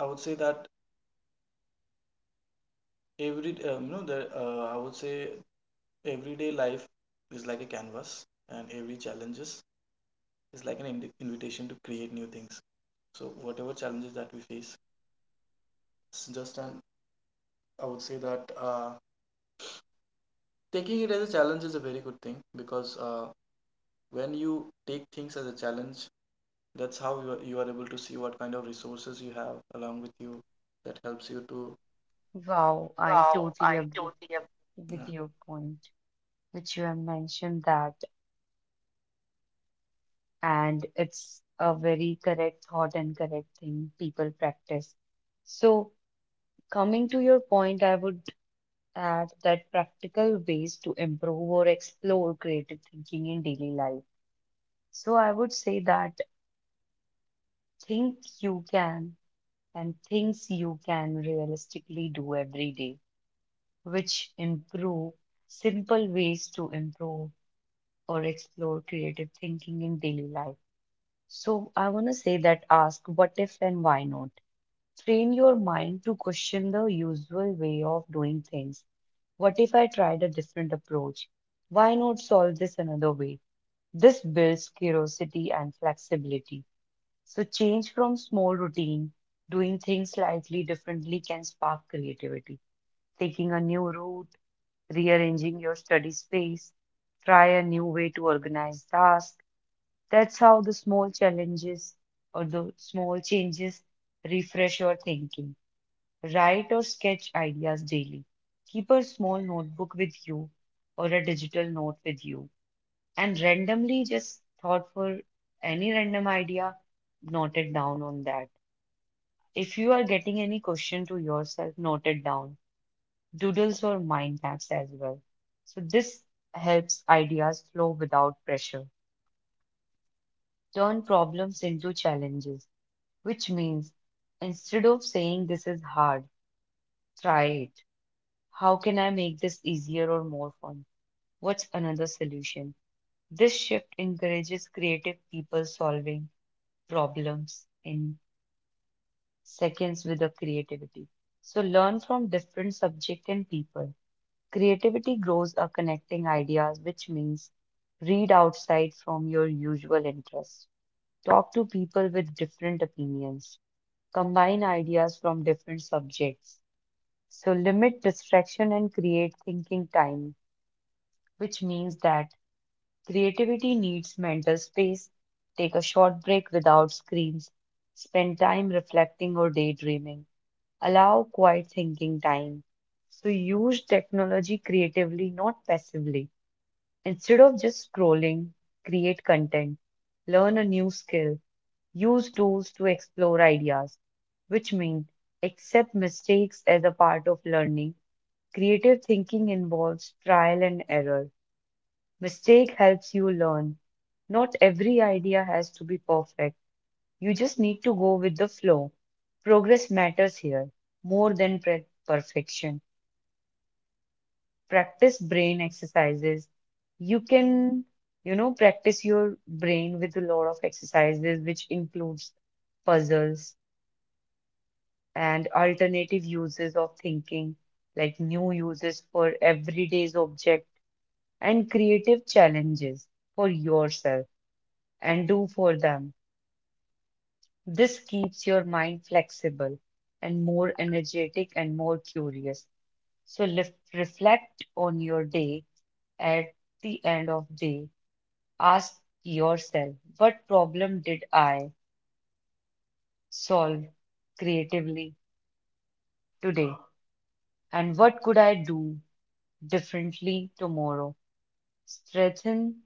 Speaker 2: I would say that every, um, you know the uh, I would say everyday life is like a canvas, and every challenges is like an ind- invitation to create new things. So whatever challenges that we face, it's just an, I would say that, uh, taking it as a challenge is a very good thing, because uh, when you take things as a challenge, that's how you are, you are able to see what kind of resources you have along with you that helps you to.
Speaker 1: Wow, I
Speaker 2: Wow,
Speaker 1: totally
Speaker 2: I
Speaker 1: agree
Speaker 2: totally agree. Yeah.
Speaker 1: with your point, which you have mentioned that, and it's a very correct thought and correct thing people practice. So, coming to your point, I would add that practical ways to improve or explore creative thinking in daily life. So I would say that think you can and things you can realistically do every day, which improve simple ways to improve or explore creative thinking in daily life. So I want to say that ask what if and why not? Train your mind to question the usual way of doing things. What if I tried a different approach? Why not solve this another way? This builds curiosity and flexibility. So, change from small routine, doing things slightly differently can spark creativity. Taking a new route, rearranging your study space, try a new way to organize tasks. That's how the small challenges or the small changes refresh your thinking. Write or sketch ideas daily. Keep a small notebook with you or a digital note with you. And randomly just thought for any random idea, note it down on that. If you are getting any question to yourself, note it down. Doodles or mind maps as well. So this helps ideas flow without pressure. Turn problems into challenges, which means instead of saying this is hard, try it. How can I make this easier or more fun? What's another solution? This shift encourages creative people solving problems in seconds with a creativity. So learn from different subject and people. Creativity grows are connecting ideas, which means read outside from your usual interests. Talk to people with different opinions. Combine ideas from different subjects. So limit distraction and create thinking time, which means that creativity needs mental space. Take a short break without screens. Spend time reflecting or daydreaming. Allow quiet thinking time. So use technology creatively, not passively. Instead of just scrolling, create content. Learn a new skill. Use tools to explore ideas, which means accept mistakes as a part of learning. Creative thinking involves trial and error. Mistake helps you learn. Not every idea has to be perfect. You just need to go with the flow. Progress matters here more than pre- perfection. Practice brain exercises. You can, you know, practice your brain with a lot of exercises, which includes puzzles and alternative uses of thinking, like new uses for everyday's object and creative challenges for yourself and do for them. This keeps your mind flexible and more energetic and more curious. So lef- reflect on your day at the end of day. Ask yourself, what problem did I solve creatively today? And what could I do differently tomorrow? Strengthen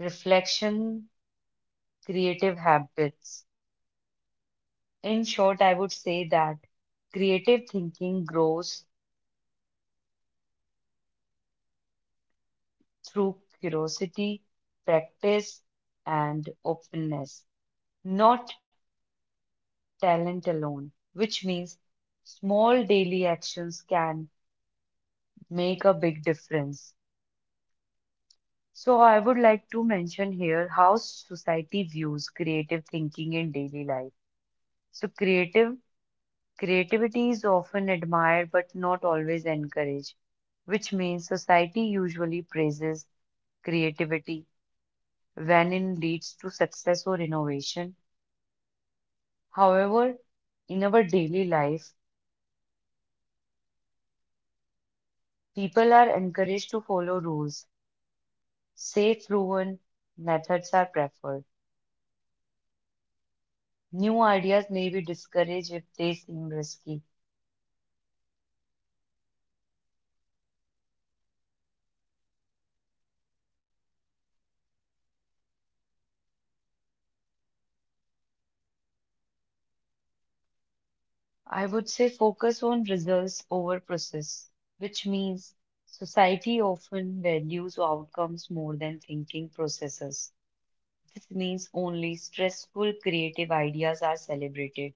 Speaker 1: reflection, creative habits. In short, I would say that creative thinking grows through curiosity, practice, and openness, not talent alone, which means small daily actions can make a big difference. So, I would like to mention here how society views creative thinking in daily life. So, creative creativity is often admired but not always encouraged, which means society usually praises creativity when it leads to success or innovation. However, in our daily life, people are encouraged to follow rules. Safe proven methods are preferred. New ideas may be discouraged if they seem risky. I would say focus on results over process, which means society often values outcomes more than thinking processes. This means only stressful creative ideas are celebrated.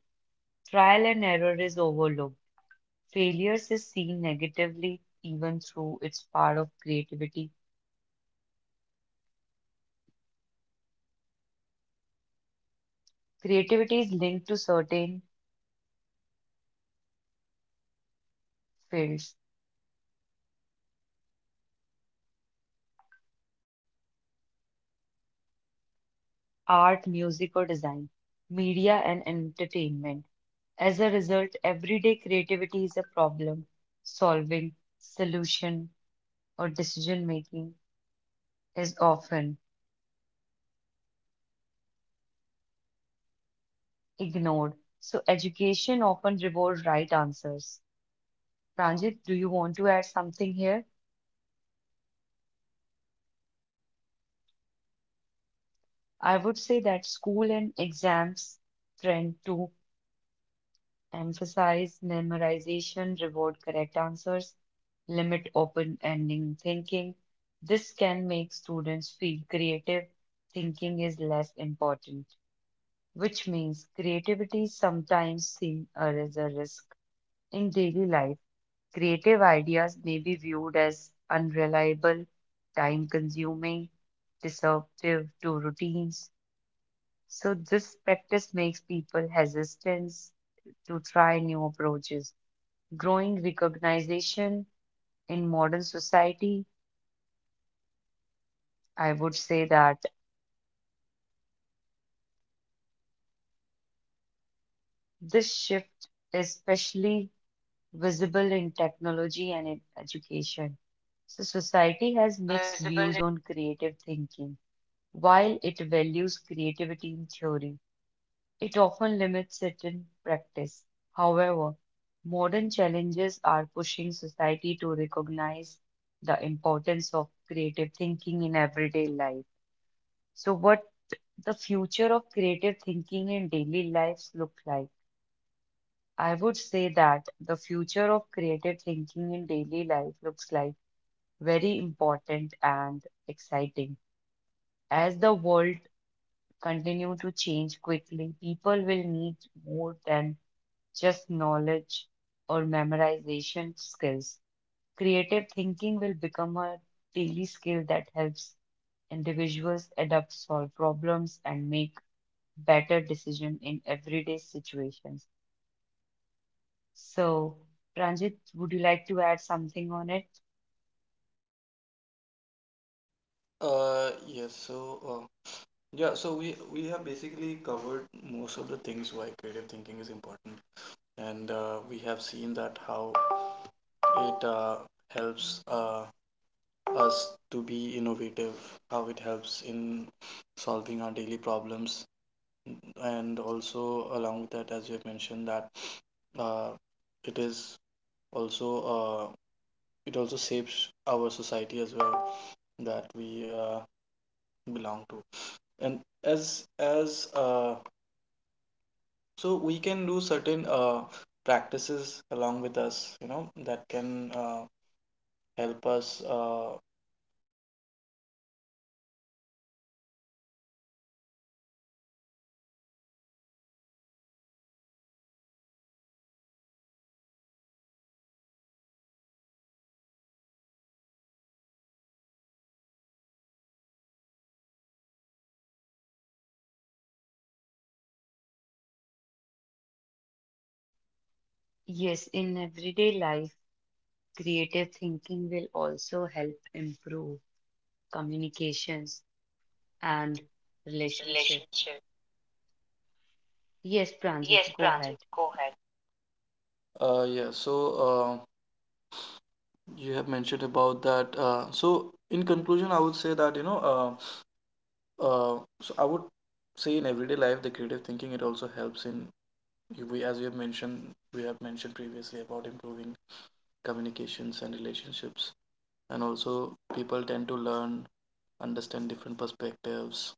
Speaker 1: Trial and error is overlooked. Failures is seen negatively even through its part of creativity. Creativity is linked to certain fields, art, music, or design, media, and entertainment. As a result, everyday creativity is a problem solving, solution, or decision making is often ignored. So, education often rewards right answers. Pranjit, do you want to add something here? I would say that school and exams trend to emphasize memorization, reward correct answers, limit open-ending thinking. This can make students feel creative thinking is less important, which means creativity sometimes seen as a risk. In daily life, creative ideas may be viewed as unreliable, time-consuming, disruptive to routines. So this practice makes people hesitant to try new approaches growing recognition in modern society, I would say that this shift is especially visible in technology and in education. So, society has mixed views on creative thinking. While it values creativity in theory, it often limits it in practice. However, modern challenges are pushing society to recognize the importance of creative thinking in everyday life. So, what the future of creative thinking in daily lives look like? I would say that the future of creative thinking in daily life looks like very important and exciting. As the world continue to change quickly, people will need more than just knowledge or memorization skills. Creative thinking will become a daily skill that helps individuals adapt, solve problems, and make better decision in everyday situations. So, Pranjit, would you like to add something on it?
Speaker 2: Uh, yes, so uh, yeah, so we we have basically covered most of the things why creative thinking is important, and uh, we have seen that how it uh, helps uh, us to be innovative, how it helps in solving our daily problems. And also along with that, as you have mentioned, that uh, it is also, uh, it also shapes our society as well that we, uh, belong to. And as as uh, so we can do certain uh, practices along with us, you know that can uh, help us uh, improve our creative thinking. And also I think it it, will- it is very, uh, it will be a very good habit also to keep such kind of things into our own.
Speaker 1: Yes, in everyday life, creative thinking will also help improve communications and relationship.
Speaker 2: Relationship.
Speaker 1: Yes,
Speaker 2: Yes,
Speaker 1: Pranjit, go ahead.
Speaker 2: Pranjit, go ahead. Uh, yeah, so uh, you have mentioned about that. Uh, so in conclusion, I would say that you know uh. Uh, so I would say in everyday life, the creative thinking, it also helps in, we, as we have mentioned, we have mentioned previously about improving communications and relationships. And also people tend to learn, understand different perspectives.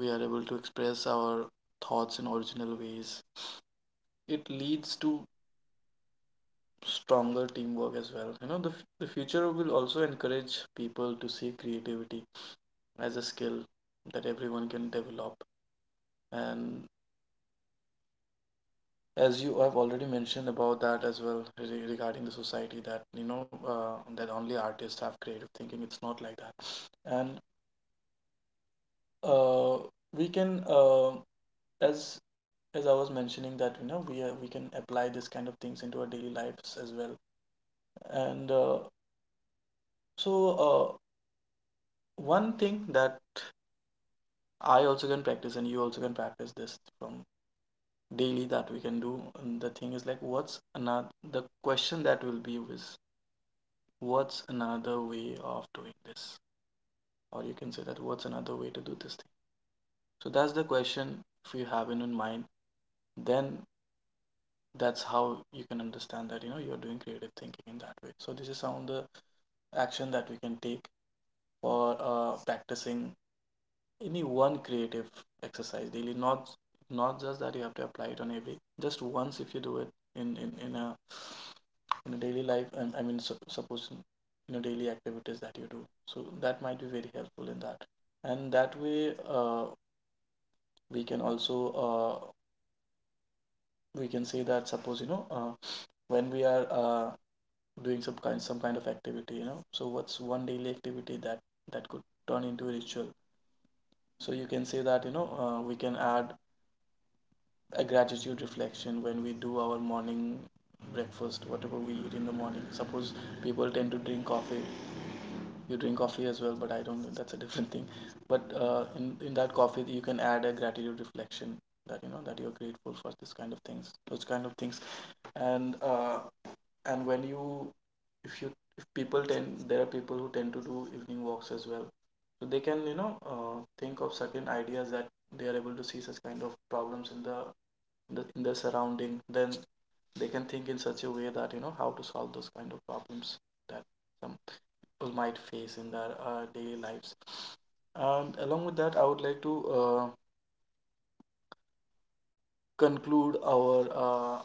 Speaker 2: We are able to express our thoughts in original ways. It leads to stronger teamwork as well. You know, the f- the future will also encourage people to see creativity as a skill that everyone can develop. And as you have already mentioned about that as well, re- regarding the society, that you know uh, that only artists have creative thinking, it's not like that. And uh, we can uh, as as I was mentioning, that you know we uh, we can apply this kind of things into our daily lives as well. And uh, so uh, one thing that I also can practice and you also can practice this from daily, that we can do, and the thing is like, what's another, the question that will be is, what's another way of doing this? Or you can say that, what's another way to do this thing? So that's the question, if you have it in mind, then that's how you can understand that, you know you're doing creative thinking in that way. So this is some of the action that we can take for uh, practicing any one creative exercise daily, not, not just that you have to apply it on every, just once if you do it in in, in a in a daily life. And I mean, su- suppose, you know daily activities that you do, so that might be very helpful in that. And that way uh, we can also, uh, we can say that, suppose, you know uh, when we are uh, doing some kind some kind of activity, you know so what's one daily activity that that could turn into a ritual? So you can say that, you know uh, we can add a gratitude reflection when we do our morning breakfast, whatever we eat in the morning. Suppose people tend to drink coffee. You drink coffee as well, but I don't know, that's a different thing. But uh, in in that coffee, you can add a gratitude reflection, that you know that you're grateful for this kind of things, those kind of things. And uh, and when you, if you, if people tend, there are people who tend to do evening walks as well. So they can, you know uh, think of certain ideas that they are able to see, such kind of problems in the the, in their surrounding, then they can think in such a way that, you know how to solve those kind of problems that some people might face in their uh, daily lives. And along with that, I would like to uh, conclude our uh,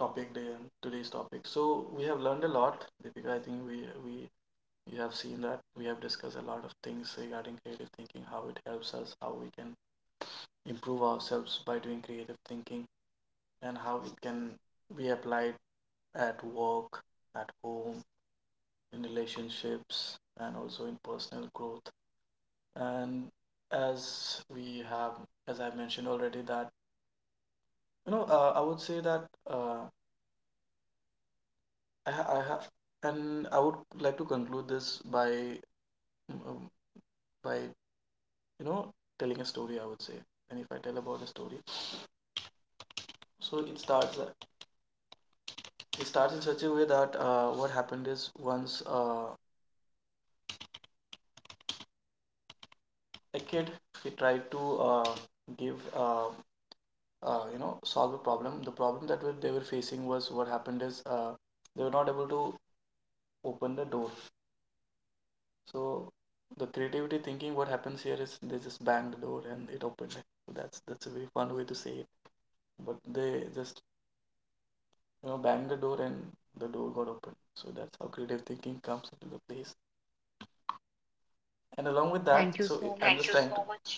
Speaker 2: topic day today's topic. So we have learned a lot, Deepika, I think we we you have seen that we have discussed a lot of things regarding creative thinking, how it helps us, how we can improve ourselves by doing creative thinking, and how it can be applied at work, at home, in relationships, and also in personal growth. And as we have, as I mentioned already, that you know, uh, I would say that, uh, I ha- I have, and I would like to conclude this by mm, um, by you know telling a story, I would say. And if I tell about a story, so it starts it starts in such a way that, uh, what happened is, once uh, a kid, he tried to uh, give uh, uh, you know solve a problem. The problem that were- they were facing was, what happened is, uh, they were not able to open the door. So the creativity thinking, what happens here is, they just banged the door and it opened. It. So that's that's a very fun way to say it. But they just, you know banged the door and the door got open. So that's how creative thinking comes into the place. And along with that,
Speaker 1: Thank you
Speaker 2: so
Speaker 1: so
Speaker 2: i- I'm just you trying
Speaker 1: much.
Speaker 2: so to so much.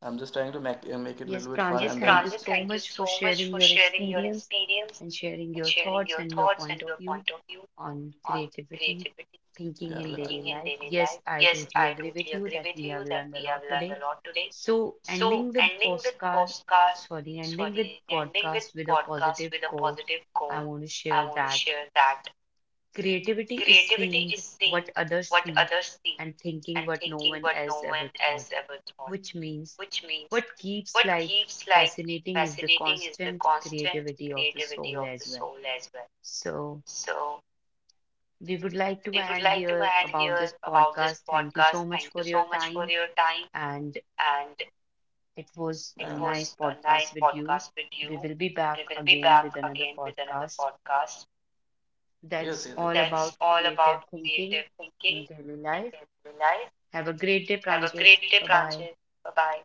Speaker 2: I'm just trying to make uh, make it a
Speaker 1: Yes,
Speaker 2: little bit fun. Yes,
Speaker 1: Pranjit,
Speaker 2: and then
Speaker 1: thank you
Speaker 2: Pranjit,
Speaker 1: so
Speaker 2: thank you
Speaker 1: much for
Speaker 2: so much
Speaker 1: sharing
Speaker 2: for
Speaker 1: your
Speaker 2: sharing your
Speaker 1: experience
Speaker 2: experience,
Speaker 1: and sharing
Speaker 2: and
Speaker 1: your
Speaker 2: sharing
Speaker 1: thoughts
Speaker 2: your
Speaker 1: and your
Speaker 2: thoughts and
Speaker 1: point of
Speaker 2: your
Speaker 1: view
Speaker 2: point of view
Speaker 1: on
Speaker 2: on
Speaker 1: creativity,
Speaker 2: creativity,
Speaker 1: thinking
Speaker 2: yeah,
Speaker 1: in daily
Speaker 2: thinking I- in
Speaker 1: life.
Speaker 2: daily
Speaker 1: Yes,
Speaker 2: life.
Speaker 1: I
Speaker 2: Yes,
Speaker 1: totally
Speaker 2: I
Speaker 1: agree
Speaker 2: totally
Speaker 1: with you
Speaker 2: agree
Speaker 1: that
Speaker 2: with
Speaker 1: we have
Speaker 2: you that
Speaker 1: learned a
Speaker 2: we have
Speaker 1: lot
Speaker 2: learned
Speaker 1: today.
Speaker 2: a lot today.
Speaker 1: So,
Speaker 2: So,
Speaker 1: ending with
Speaker 2: ending with
Speaker 1: postcard,
Speaker 2: postcard,
Speaker 1: sorry, ending with
Speaker 2: sorry, ending with
Speaker 1: podcast with a
Speaker 2: podcast
Speaker 1: positive
Speaker 2: with a
Speaker 1: quote,
Speaker 2: positive
Speaker 1: I
Speaker 2: quote,
Speaker 1: want to
Speaker 2: I
Speaker 1: share
Speaker 2: want to
Speaker 1: that
Speaker 2: share that,
Speaker 1: creativity is
Speaker 2: "Creativity
Speaker 1: seeing
Speaker 2: is
Speaker 1: what
Speaker 2: seeing
Speaker 1: others
Speaker 2: what
Speaker 1: see
Speaker 2: others see
Speaker 1: and thinking
Speaker 2: and
Speaker 1: what no
Speaker 2: thinking
Speaker 1: one
Speaker 2: what no
Speaker 1: else ever
Speaker 2: one
Speaker 1: thought,
Speaker 2: else ever thought,"
Speaker 1: which means
Speaker 2: which means
Speaker 1: what keeps
Speaker 2: what
Speaker 1: like
Speaker 2: keeps life
Speaker 1: fascinating is the
Speaker 2: fascinating is the
Speaker 1: constant
Speaker 2: constant
Speaker 1: creativity of the
Speaker 2: creativity
Speaker 1: soul
Speaker 2: of the
Speaker 1: as well.
Speaker 2: soul as well.
Speaker 1: So
Speaker 2: So,
Speaker 1: we would like to
Speaker 2: we would
Speaker 1: end
Speaker 2: like to
Speaker 1: here
Speaker 2: end
Speaker 1: about
Speaker 2: here
Speaker 1: this
Speaker 2: about this
Speaker 1: podcast. Thank you
Speaker 2: podcast.
Speaker 1: so much
Speaker 2: Thank you
Speaker 1: for your
Speaker 2: so much for
Speaker 1: time
Speaker 2: your time,
Speaker 1: and
Speaker 2: and
Speaker 1: it was
Speaker 2: it,
Speaker 1: a
Speaker 2: yeah, was
Speaker 1: nice
Speaker 2: a nice
Speaker 1: podcast with you.
Speaker 2: podcast with you.
Speaker 1: We will be
Speaker 2: We
Speaker 1: back
Speaker 2: will be
Speaker 1: again
Speaker 2: back
Speaker 1: with another
Speaker 2: again with another
Speaker 1: podcast
Speaker 2: podcast. Yes,
Speaker 1: that's
Speaker 2: yes,
Speaker 1: all
Speaker 2: that's
Speaker 1: about
Speaker 2: all about
Speaker 1: creative thinking
Speaker 2: creative
Speaker 1: in
Speaker 2: thinking
Speaker 1: daily life.
Speaker 2: in daily life.
Speaker 1: Have a great day,
Speaker 2: Have a
Speaker 1: Pranjit.
Speaker 2: great day,
Speaker 1: Bye bye.
Speaker 2: Pranjit. Bye bye.